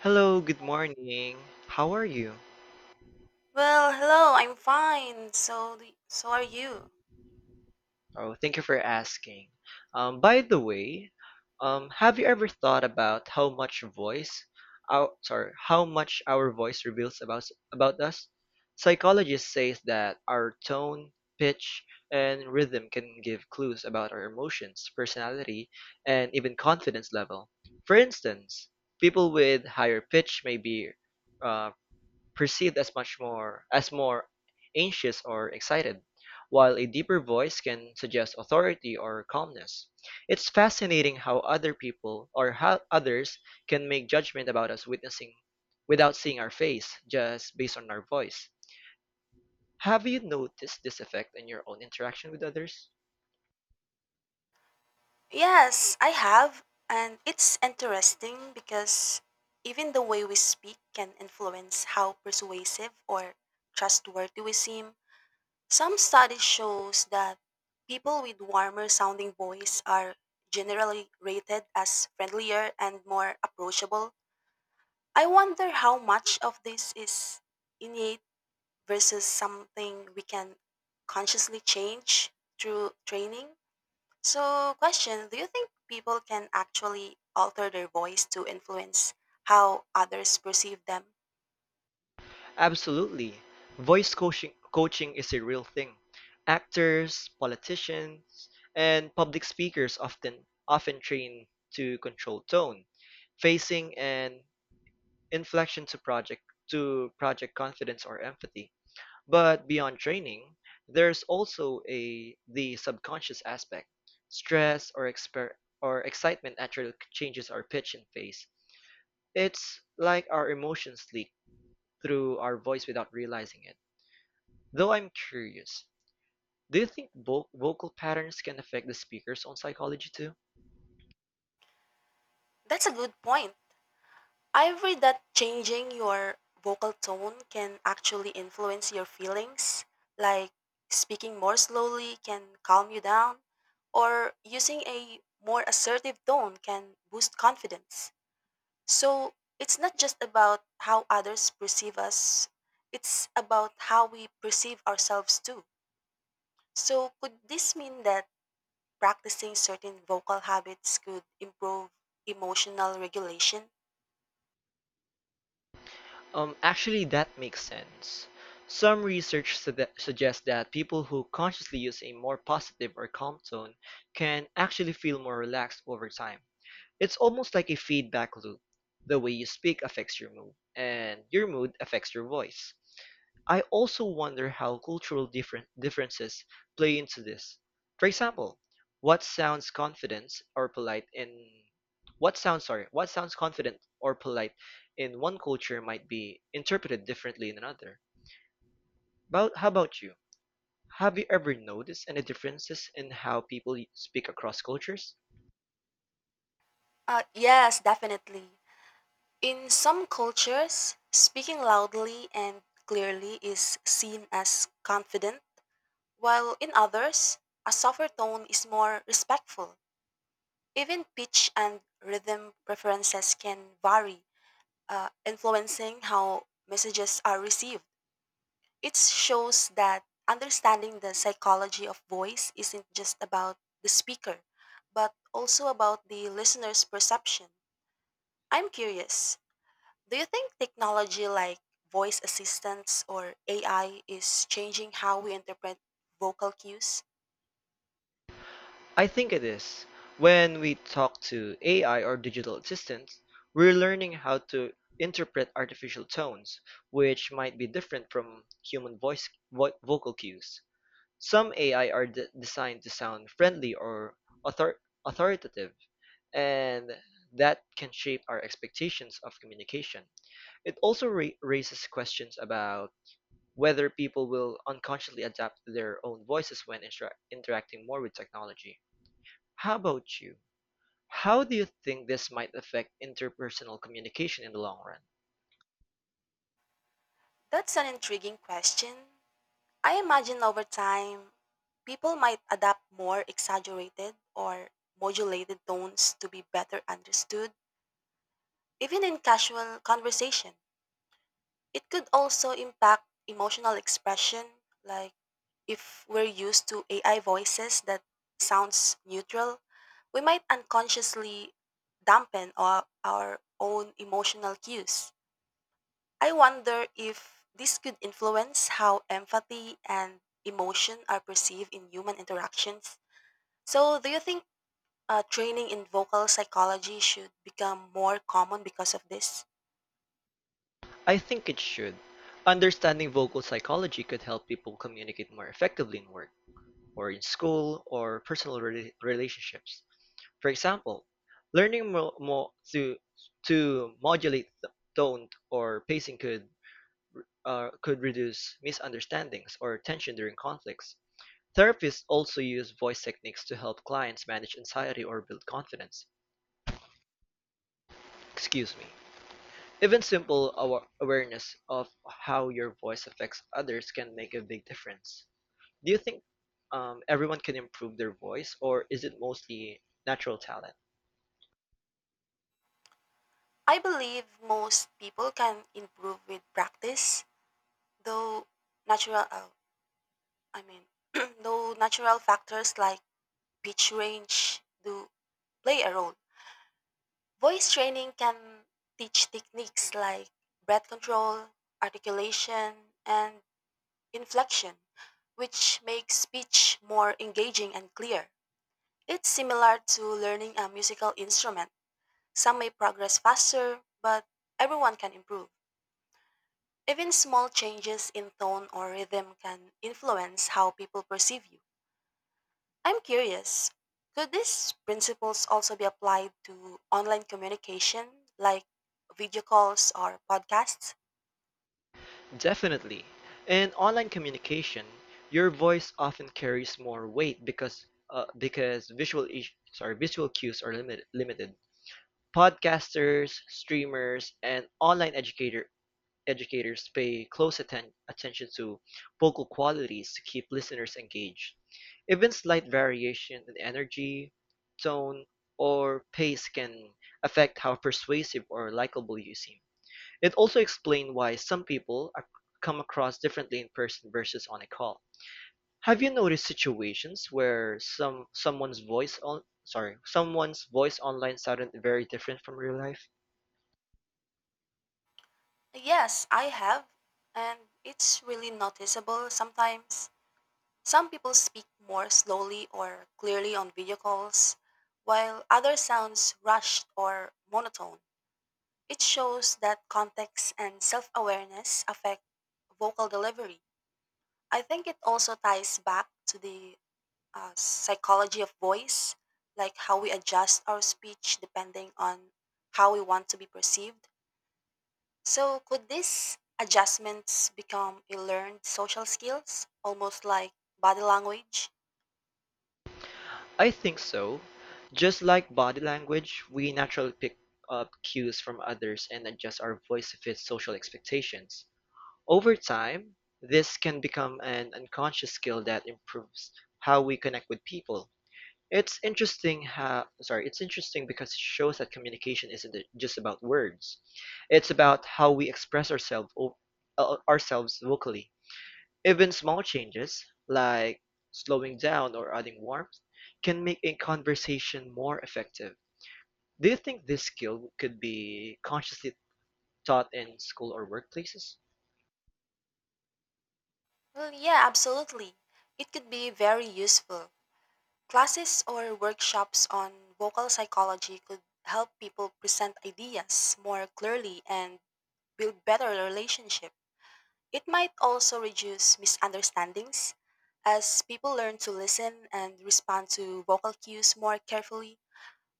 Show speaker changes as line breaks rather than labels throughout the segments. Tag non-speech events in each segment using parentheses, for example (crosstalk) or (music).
Hello, good morning. How are you?
Well, hello, I'm fine. So, so are you?
Oh, thank you for asking. By the way, have you ever thought about how much how much our voice reveals about us? Psychologists say that our tone, pitch, and rhythm can give clues about our emotions, personality, and even confidence level. For instance, people with higher pitch may be uh, perceived as much more as more anxious or excited, while a deeper voice can suggest authority or calmness. It's fascinating how other people or how others can make judgment about us witnessing without seeing our face, just based on our voice. Have you noticed this effect in your own interaction with others?
Yes, I have, and it's interesting because even the way we speak can influence how persuasive or trustworthy we seem. Some study shows that people with warmer sounding voice are generally rated as friendlier and more approachable. I wonder how much of this is innate versus something we can consciously change through training. So, question: do you think people can actually alter their voice to influence how others perceive them?
Absolutely. Voice coaching is a real thing. Actors, politicians, and public speakers often train to control tone, facing and inflection to project confidence or empathy. But beyond training, there's also a the subconscious aspect. Stress or exper or Excitement naturally changes our pitch and pace. It's like our emotions leak through our voice without realizing it. Though I'm curious, do you think vo vocal patterns can affect the speaker's own psychology too?
That's a good point. I've read that changing your vocal tone can actually influence your feelings, like speaking more slowly can calm you down, or using a more assertive tone can boost confidence. So it's not just about how others perceive us, it's about how we perceive ourselves too. So could this mean that practicing certain vocal habits could improve emotional regulation?
That makes sense. Some research suggests that people who consciously use a more positive or calm tone can actually feel more relaxed over time. It's almost like a feedback loop. The way you speak affects your mood, and your mood affects your voice. I also wonder how cultural different differences play into this. For example, what sounds confident or polite in what sounds sorry, what sounds confident or polite in one culture might be interpreted differently in another. But how about you? Have you ever noticed any differences in how people speak across cultures?
Yes, definitely. In some cultures, speaking loudly and clearly is seen as confident, while in others, a softer tone is more respectful. Even pitch and rhythm preferences can vary, influencing how messages are received. It shows that understanding the psychology of voice isn't just about the speaker, but also about the listener's perception. I'm curious, do you think technology like voice assistants or AI is changing how we interpret vocal cues?
I think it is. When we talk to AI or digital assistants, we're learning how to interpret artificial tones, which might be different from human vocal cues. Some AI are designed to sound friendly or authoritative, and that can shape our expectations of communication. It also raises questions about whether people will unconsciously adapt their own voices when interacting more with technology. How about you? How do you think this might affect interpersonal communication in the long run?
That's an intriguing question. I imagine over time, people might adapt more exaggerated or modulated tones to be better understood, even in casual conversation. It could also impact emotional expression, like if we're used to AI voices that sounds neutral, we might unconsciously dampen our own emotional cues. I wonder if this could influence how empathy and emotion are perceived in human interactions. So, do you think training in vocal psychology should become more common because of this?
I think it should. Understanding vocal psychology could help people communicate more effectively in work, or in school, or personal relationships. For example, learning to modulate tone or pacing could reduce misunderstandings or tension during conflicts. Therapists also use voice techniques to help clients manage anxiety or build confidence. Excuse me. Even simple awareness of how your voice affects others can make a big difference. Do you think everyone can improve their voice, or is it mostly natural talent?
I believe most people can improve with practice, though natural, uh, I mean, (clears throat) though natural factors like pitch range do play a role. Voice training can teach techniques like breath control, articulation, and inflection, which makes speech more engaging and clear. It's similar to learning a musical instrument. Some may progress faster, but everyone can improve. Even small changes in tone or rhythm can influence how people perceive you. I'm curious, could these principles also be applied to online communication like video calls or podcasts?
Definitely. In online communication, your voice often carries more weight because visual is- sorry visual cues are limited. Podcasters, streamers, and online educator educators pay close attention to vocal qualities to keep listeners engaged. Even slight variation in energy, tone, or pace can affect how persuasive or likable you seem. It also explains why come across differently in person versus on a call. Have you noticed situations where someone's voice online sounded very different from real life?
Yes, I have, and it's really noticeable sometimes. Some people speak more slowly or clearly on video calls, while others sounds rushed or monotone. It shows that context and self-awareness affect vocal delivery. I think it also ties back to the psychology of voice, like how we adjust our speech depending on how we want to be perceived. So could these adjustments become a learned social skills, almost like body language?
I think so. Just like body language, we naturally pick up cues from others and adjust our voice to fit social expectations. Over time, this can become an unconscious skill that improves how we connect with people. It's interesting because it shows that communication isn't just about words. It's about how we express ourselves vocally. Even small changes, like slowing down or adding warmth, can make a conversation more effective. Do you think this skill could be consciously taught in school or workplaces?
Well, yeah, absolutely. It could be very useful. Classes or workshops on vocal psychology could help people present ideas more clearly and build better relationship. It might also reduce misunderstandings as people learn to listen and respond to vocal cues more carefully.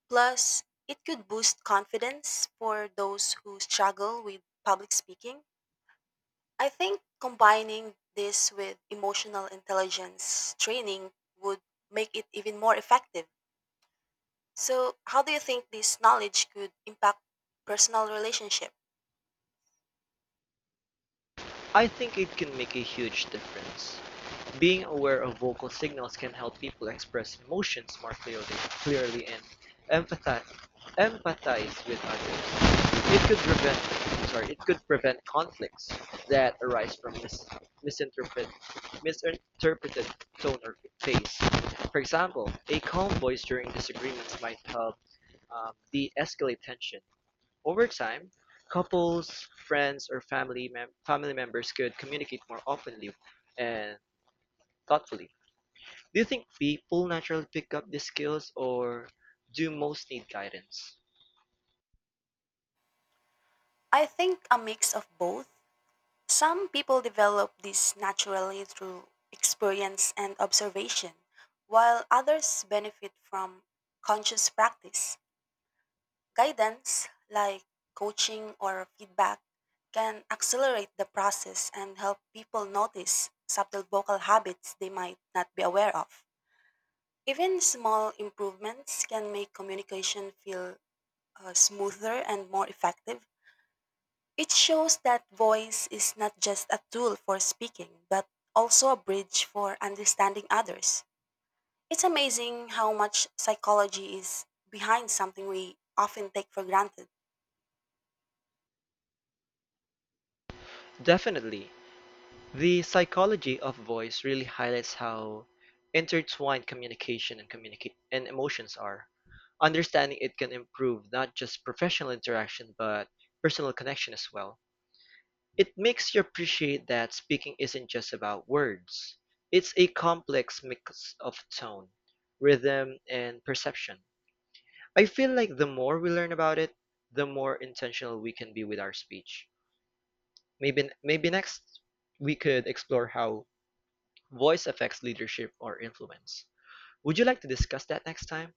Plus, it could boost confidence for those who struggle with public speaking. I think combining this with emotional intelligence training would make it even more effective. So, how do you think this knowledge could impact personal relationship?
I think it can make a huge difference. Being aware of vocal signals can help people express emotions more clearly and empathize, empathize with others. It could prevent conflicts that arise from misinterpret, misinterpreted tone or face. For example, a calm voice during disagreements might help de-escalate tension. Over time, couples, friends, or family members could communicate more openly and thoughtfully. Do you think people naturally pick up these skills, or do most need guidance?
I think a mix of both. Some people develop this naturally through experience and observation, while others benefit from conscious practice. Guidance, like coaching or feedback, can accelerate the process and help people notice subtle vocal habits they might not be aware of. Even small improvements can make communication feel smoother and more effective. It shows that voice is not just a tool for speaking, but also a bridge for understanding others. It's amazing how much psychology is behind something we often take for granted.
Definitely. The psychology of voice really highlights how intertwined communication and communicate and emotions are. Understanding it can improve not just professional interaction but personal connection as well. It makes you appreciate that speaking isn't just about words. It's a complex mix of tone, rhythm, and perception. I feel like the more we learn about it, the more intentional we can be with our speech. Maybe next we could explore how voice affects leadership or influence. Would you like to discuss that next time?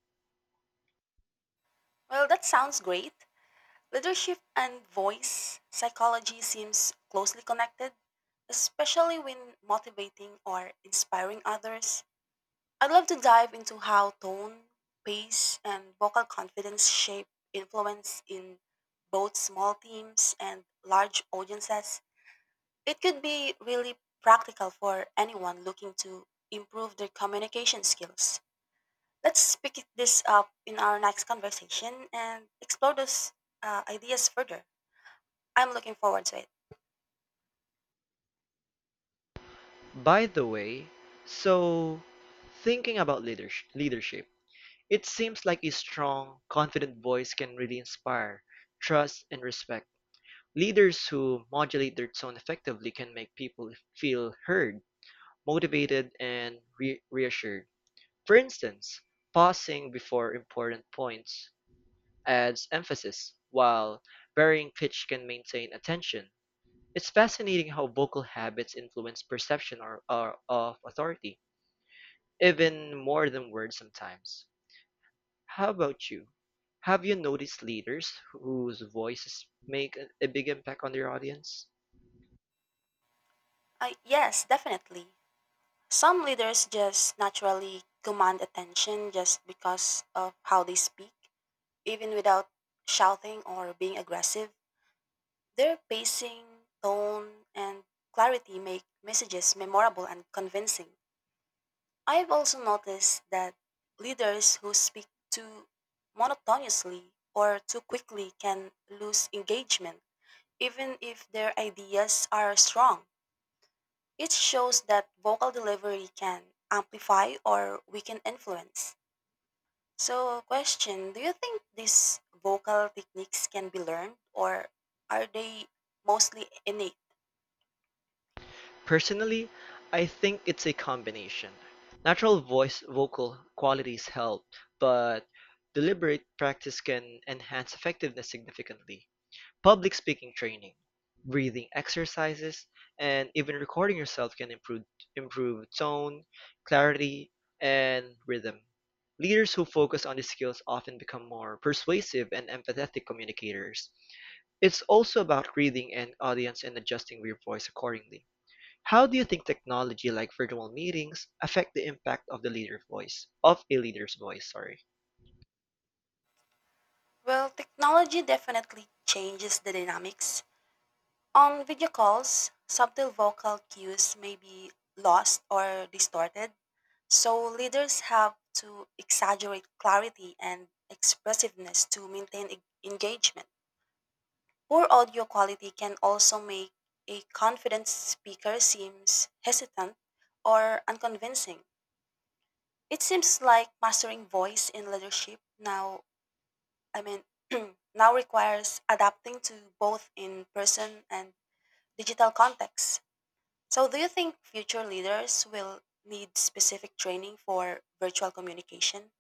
Well, that sounds great. Leadership and voice psychology seems closely connected, especially when motivating or inspiring others. I'd love to dive into how tone, pace, and vocal confidence shape influence in both small teams and large audiences. It could be really practical for anyone looking to improve their communication skills. Let's pick this up in our next conversation and explore those ideas further. I'm looking forward to it.
By the way, so thinking about leadership, it seems like a strong, confident voice can really inspire trust and respect. Leaders who modulate their tone effectively can make people feel heard, motivated, and reassured. For instance, pausing before important points adds emphasis, while varying pitch can maintain attention. It's fascinating how vocal habits influence or of authority, even more than words sometimes. How about you? Have you noticed leaders whose voices make a big impact on their audience?
Yes, definitely. Some leaders just naturally command attention just because of how they speak, even without shouting or being aggressive. Their pacing, tone, and clarity make messages memorable and convincing. I've also noticed that leaders who speak too monotonously or too quickly can lose engagement, even if their ideas are strong. It shows that vocal delivery can amplify or weaken influence. So, question: do you think these vocal techniques can be learned or are they mostly innate?
Personally, I think it's a combination. Natural voice vocal qualities help, but deliberate practice can enhance effectiveness significantly. Public speaking training, breathing exercises, and even recording yourself can improve tone, clarity, and rhythm. Leaders who focus on these skills often become more persuasive and empathetic communicators. It's also about reading an audience and adjusting your voice accordingly. How do you think technology like virtual meetings affect the impact of a leader's voice, sorry?
Well, technology definitely changes the dynamics. On video calls, subtle vocal cues may be lost or distorted, so leaders have to exaggerate clarity and expressiveness to maintain engagement. Poor audio quality can also make a confident speaker seems hesitant or unconvincing. It seems like mastering voice in leadership I mean, (clears throat) now requires adapting to both in person and digital contexts. So, do you think future leaders will need specific training for virtual communication?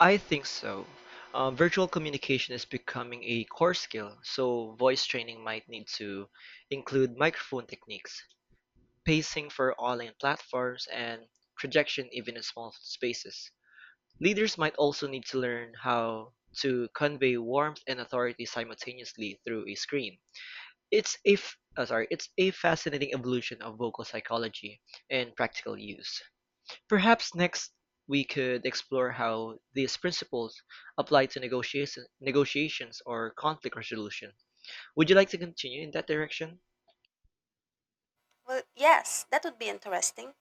I think so. Virtual communication is becoming a core skill, so voice training might need to include microphone techniques, pacing for online platforms, and projection even in small spaces. Leaders might also need to learn how to convey warmth and authority simultaneously through a screen. It's a fascinating evolution of vocal psychology and practical use. Perhaps next we could explore how these principles apply to negotiations or conflict resolution. Would you like to continue in that direction?
Well, yes, that would be interesting.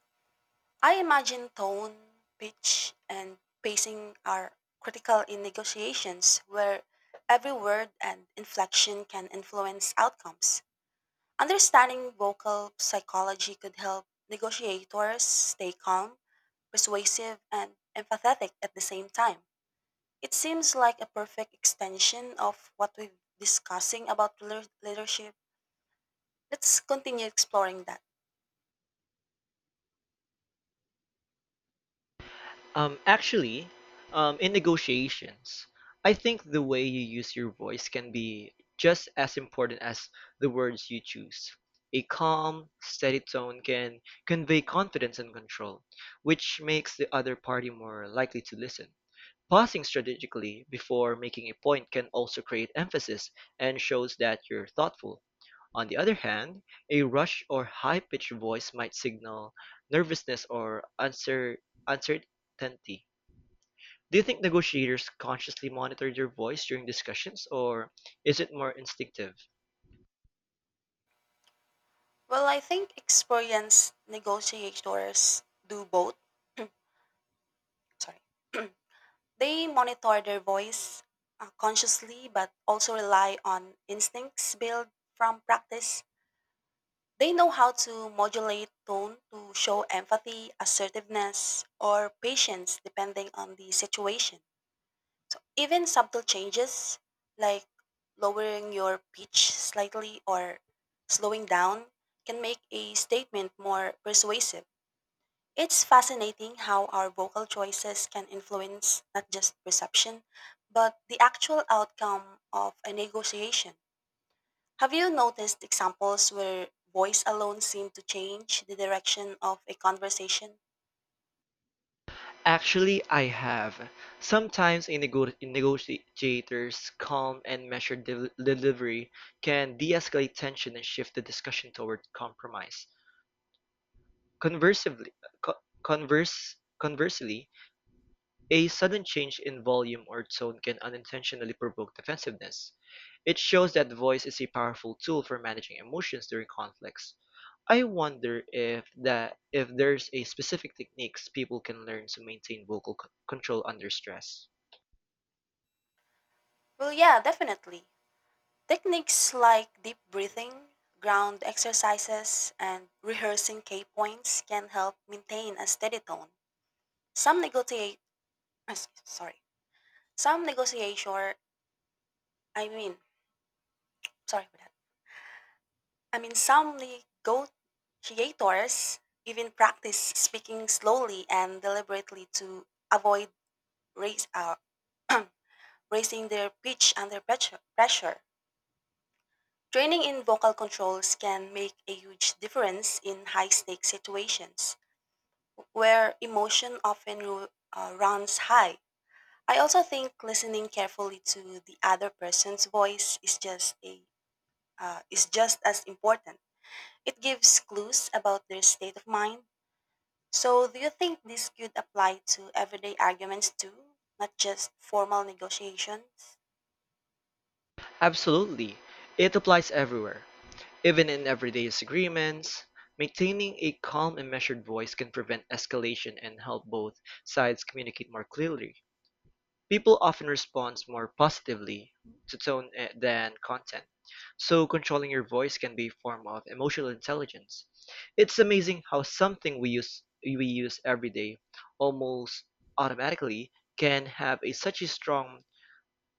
I imagine tone, pitch, and pacing are critical in negotiations where every word and inflection can influence outcomes. Understanding vocal psychology could help negotiators stay calm, persuasive, and empathetic at the same time. It seems like a perfect extension of what we've discussing about leadership. Let's continue exploring that.
Um, actually, in negotiations, I think the way you use your voice can be just as important as the words you choose. A calm, steady tone can convey confidence and control, which makes the other party more likely to listen. Pausing strategically before making a point can also create emphasis and shows that you're thoughtful. On the other hand, a rushed or high-pitched voice might signal nervousness or uncertainty. Do you think negotiators consciously monitor their voice during discussions, or is it more instinctive?
Well, I think experienced negotiators do both, sorry. (clears throat) They monitor their voice consciously but also rely on instincts built from practice. They know how to modulate tone to show empathy, assertiveness, or patience depending on the situation. So even subtle changes like lowering your pitch slightly or slowing down can make a statement more persuasive. It's fascinating how our vocal choices can influence not just perception, but the actual outcome of a negotiation. Have you noticed examples where voice alone seemed to change the direction of a conversation?
Actually, I have. Sometimes a negotiator's calm and measured delivery can de escalate tension and shift the discussion toward compromise. Conversely, Conversely, a sudden change in volume or tone can unintentionally provoke defensiveness. It shows that voice is a powerful tool for managing emotions during conflicts. I wonder if there's a specific techniques people can learn to maintain vocal control under stress.
Well, yeah, definitely. Techniques like deep breathing, ground exercises, and rehearsing key points can help maintain a steady tone. Some negotiate, (coughs) sorry, some negotiator, I mean, sorry for that I mean, some go- creators even practice speaking slowly and deliberately to avoid raise, uh, (clears throat) raising their pitch under pressure. Training in vocal controls can make a huge difference in high stakes situations where emotion often runs high. I also think listening carefully to the other person's voice is just a is just as important. It gives clues about their state of mind. So, do you think this could apply to everyday arguments too, not just formal negotiations?
Absolutely. It applies everywhere. Even in everyday disagreements, maintaining a calm and measured voice can prevent escalation and help both sides communicate more clearly. People often respond more positively to than content, so controlling your voice can be a form of emotional intelligence. It's amazing how something we use every day almost automatically can have such a strong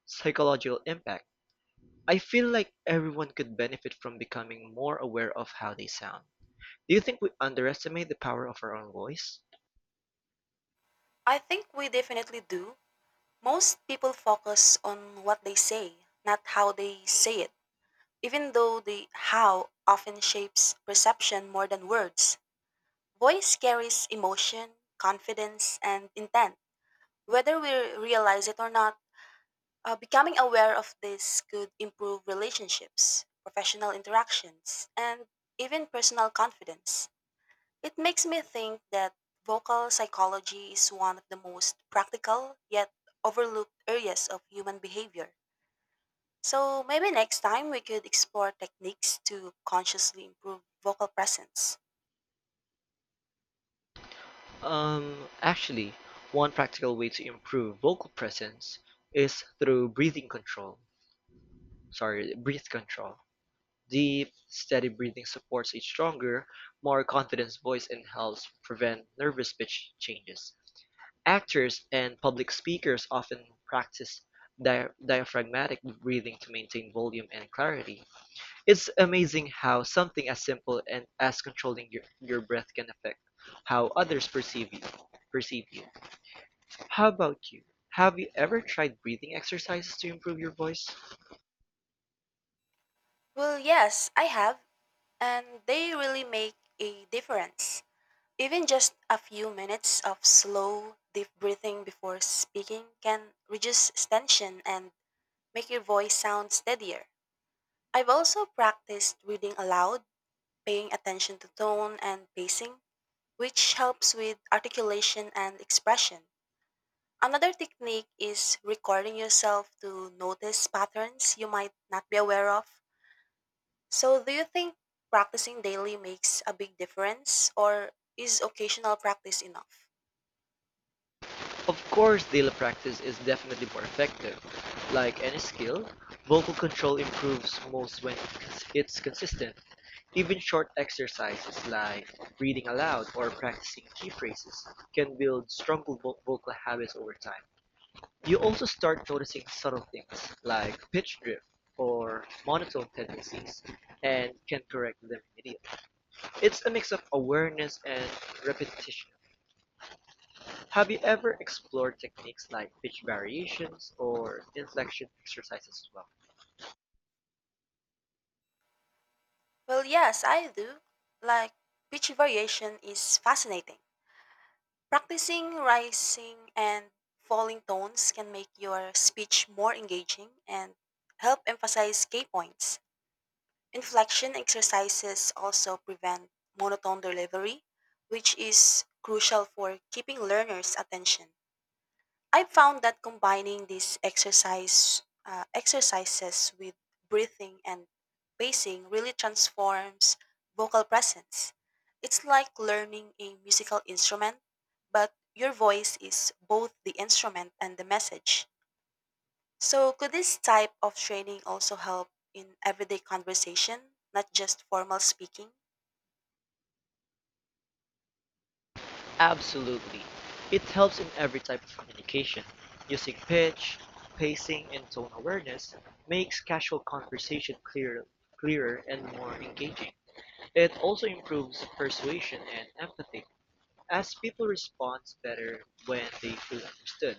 psychological impact. I feel like everyone could benefit from becoming more aware of how they sound. Do you think we underestimate the power of our own voice?
I think we definitely do. Most people focus on what they say, not how they say it, even though the how often shapes perception more than words. Voice carries emotion, confidence, and intent. Whether we realize it or not, becoming aware of this could improve relationships, professional interactions, and even personal confidence. It makes me think that vocal psychology is one of the most practical yet overlooked areas of human behavior. So maybe next time we could explore techniques to consciously improve vocal presence.
Um, actually, One practical way to improve vocal presence is through breath control. Deep, steady breathing supports a stronger, more confident voice and helps prevent nervous pitch changes. Actors and public speakers often practice diaphragmatic breathing to maintain volume and clarity. It's amazing how something as simple and as controlling your breath can affect how others perceive you. How about you? Have you ever tried breathing exercises to improve your voice?
Well, yes, I have, and they really make a difference. Even just a few minutes of slow, deep breathing before speaking can reduce tension and make your voice sound steadier. I've also practiced reading aloud, paying attention to tone and pacing, which helps with articulation and expression. Another technique is recording yourself to notice patterns you might not be aware of. So, do you think practicing daily makes a big difference, or is occasional practice enough?
Of course, daily practice is definitely more effective. Like any skill, vocal control improves most when it's consistent. Even short exercises like reading aloud or practicing key phrases can build stronger vocal habits over time. You also start noticing subtle things like pitch drift or monotone tendencies and can correct them immediately. It's a mix of awareness and repetition. Have you ever explored techniques like pitch variations or inflection exercises as well?
Well, yes, I do. Like, pitch variation is fascinating. Practicing rising and falling tones can make your speech more engaging and help emphasize key points. Inflection exercises also prevent monotone delivery, which is crucial for keeping learners' attention. I found that combining these exercises with breathing and pacing really transforms vocal presence. It's like learning a musical instrument, but your voice is both the instrument and the message. So, could this type of training also help in everyday conversation, not just formal speaking?
Absolutely. It helps in every type of communication. Using pitch, pacing, and tone awareness makes casual conversation clearer and more engaging. It also improves persuasion and empathy, as people respond better when they feel understood.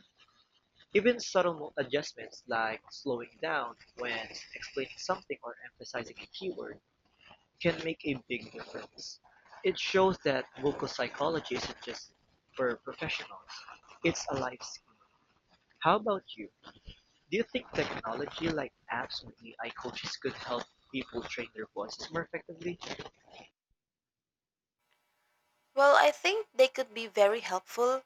Even subtle adjustments like slowing down when explaining something or emphasizing a keyword can make a big difference. It shows that vocal psychology isn't just for professionals, it's a life skill. How about you? Do you think technology like apps or AI coaches could help people train their voices more effectively?
Well, I think they could be very helpful.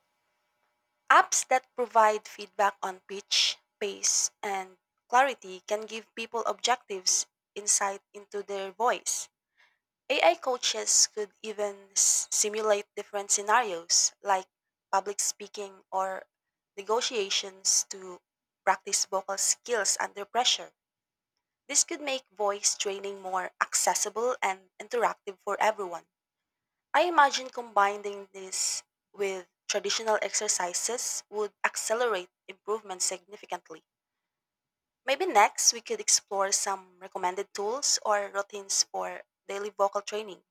Apps that provide feedback on pitch, pace, and clarity can give people objectives insight into their voice. AI coaches could even simulate different scenarios like public speaking or negotiations to practice vocal skills under pressure. This could make voice training more accessible and interactive for everyone. I imagine combining this with traditional exercises would accelerate improvement significantly. Maybe next we could explore some recommended tools or routines for daily vocal training.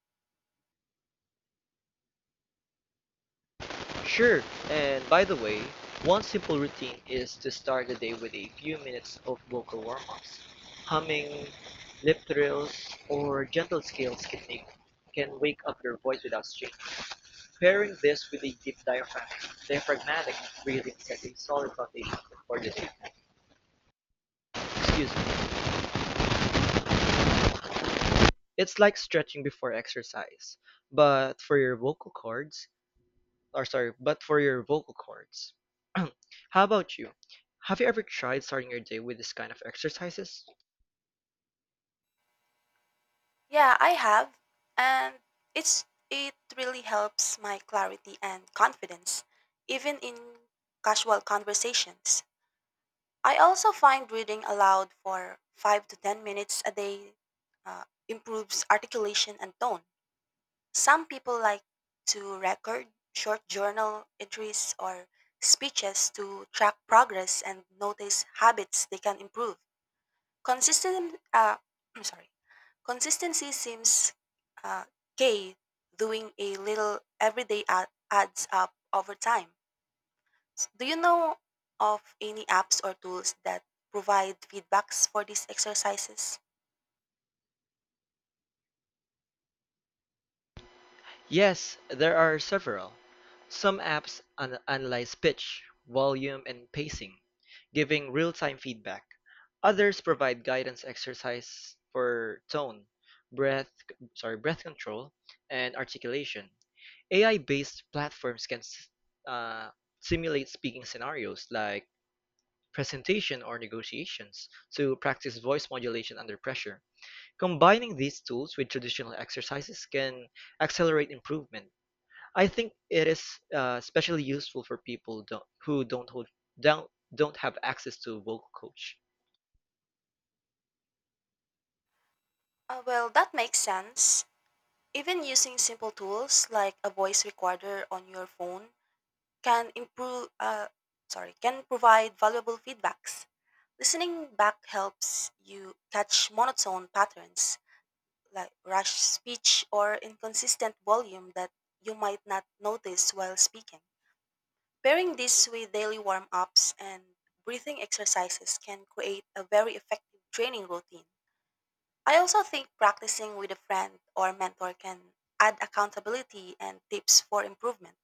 Sure, and by the way, one simple routine is to start the day with a few minutes of vocal warm ups. Humming, lip trills, or gentle scales can wake up your voice without strain. Pairing this with a deep diaphragmatic breathing sets a solid foundation for the day. Excuse me. It's like stretching before exercise, but for your vocal cords. Or sorry, but for your vocal cords. (clears throat) How about you? Have you ever tried starting your day with this kind of exercises?
Yeah, I have, and it really helps my clarity and confidence even in casual conversations. I also find reading aloud for 5 to 10 minutes a day, improves articulation and tone. Some people like to record short journal entries or speeches to track progress and notice habits they can improve. Consistent, uh, (clears throat) I'm sorry, consistency seems, uh, key. Doing a little every day adds up over time. Do you know of any apps or tools that provide feedbacks for these exercises?
Yes, there are several. Some apps analyze pitch, volume, and pacing, giving real-time feedback. Others provide guidance exercise for breath, breath control, and articulation. AI-based platforms can uh, simulate speaking scenarios like presentation, or negotiations to practice voice modulation under pressure. Combining these tools with traditional exercises can accelerate improvement. I think it is especially useful for people don't, who don't hold, don't, don't have access to a vocal coach.
Well, that makes sense. Even using simple tools like a voice recorder on your phone can improve uh, can provide valuable feedbacks. Listening back helps you catch monotone patterns like rash speech or inconsistent volume that you might not notice while speaking. Pairing this with daily warm ups and breathing exercises can create a very effective training routine. I also think practicing with a friend or mentor can add accountability and tips for improvement.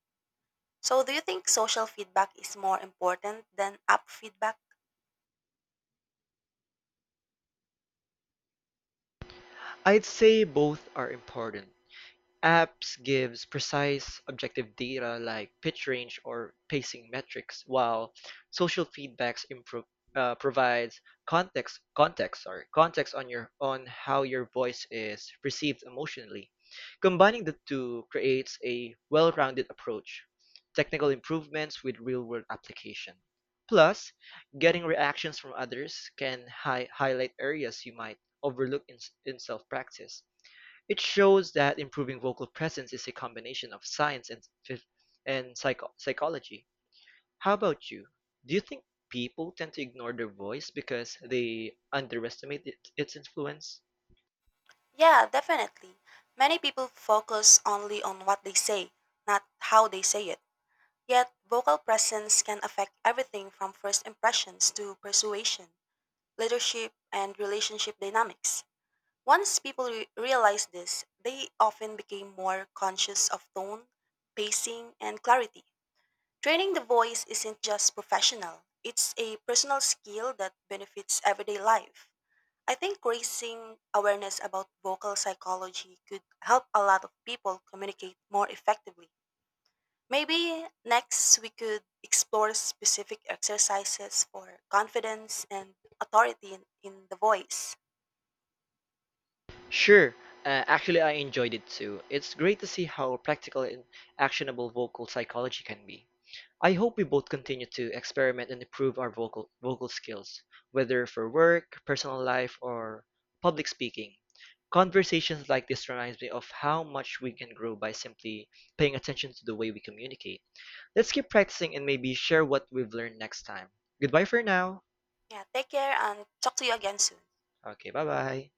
So, do you think social feedback is more important than app feedback?
I'd say both are important. Apps gives precise, objective data like pitch range or pacing metrics, while social feedbacks provides context on your on how your voice is perceived emotionally. Combining the two creates a well-rounded approach, technical improvements with real-world application. Plus, getting reactions from others can highlight areas you might overlook in self-practice. It shows that improving vocal presence is a combination of science and psychology. How about you? Do you think people tend to ignore their voice because they underestimate its influence?
Yeah, definitely. Many people focus only on what they say, not how they say it. Yet, vocal presence can affect everything from first impressions to persuasion, leadership, and relationship dynamics. Once people realized this, they often became more conscious of tone, pacing, and clarity. Training the voice isn't just professional, it's a personal skill that benefits everyday life. I think raising awareness about vocal psychology could help a lot of people communicate more effectively. Maybe next we could explore specific exercises for confidence and authority in the voice.
Sure. Actually, I enjoyed it too. It's great to see how practical and actionable vocal psychology can be. I hope we both continue to experiment and improve our vocal skills, whether for work, personal life, or public speaking. Conversations like this reminds me of how much we can grow by simply paying attention to the way we communicate. Let's keep practicing and maybe share what we've learned next time. Goodbye for now.
Yeah, take care and talk to you again soon.
Okay, bye-bye.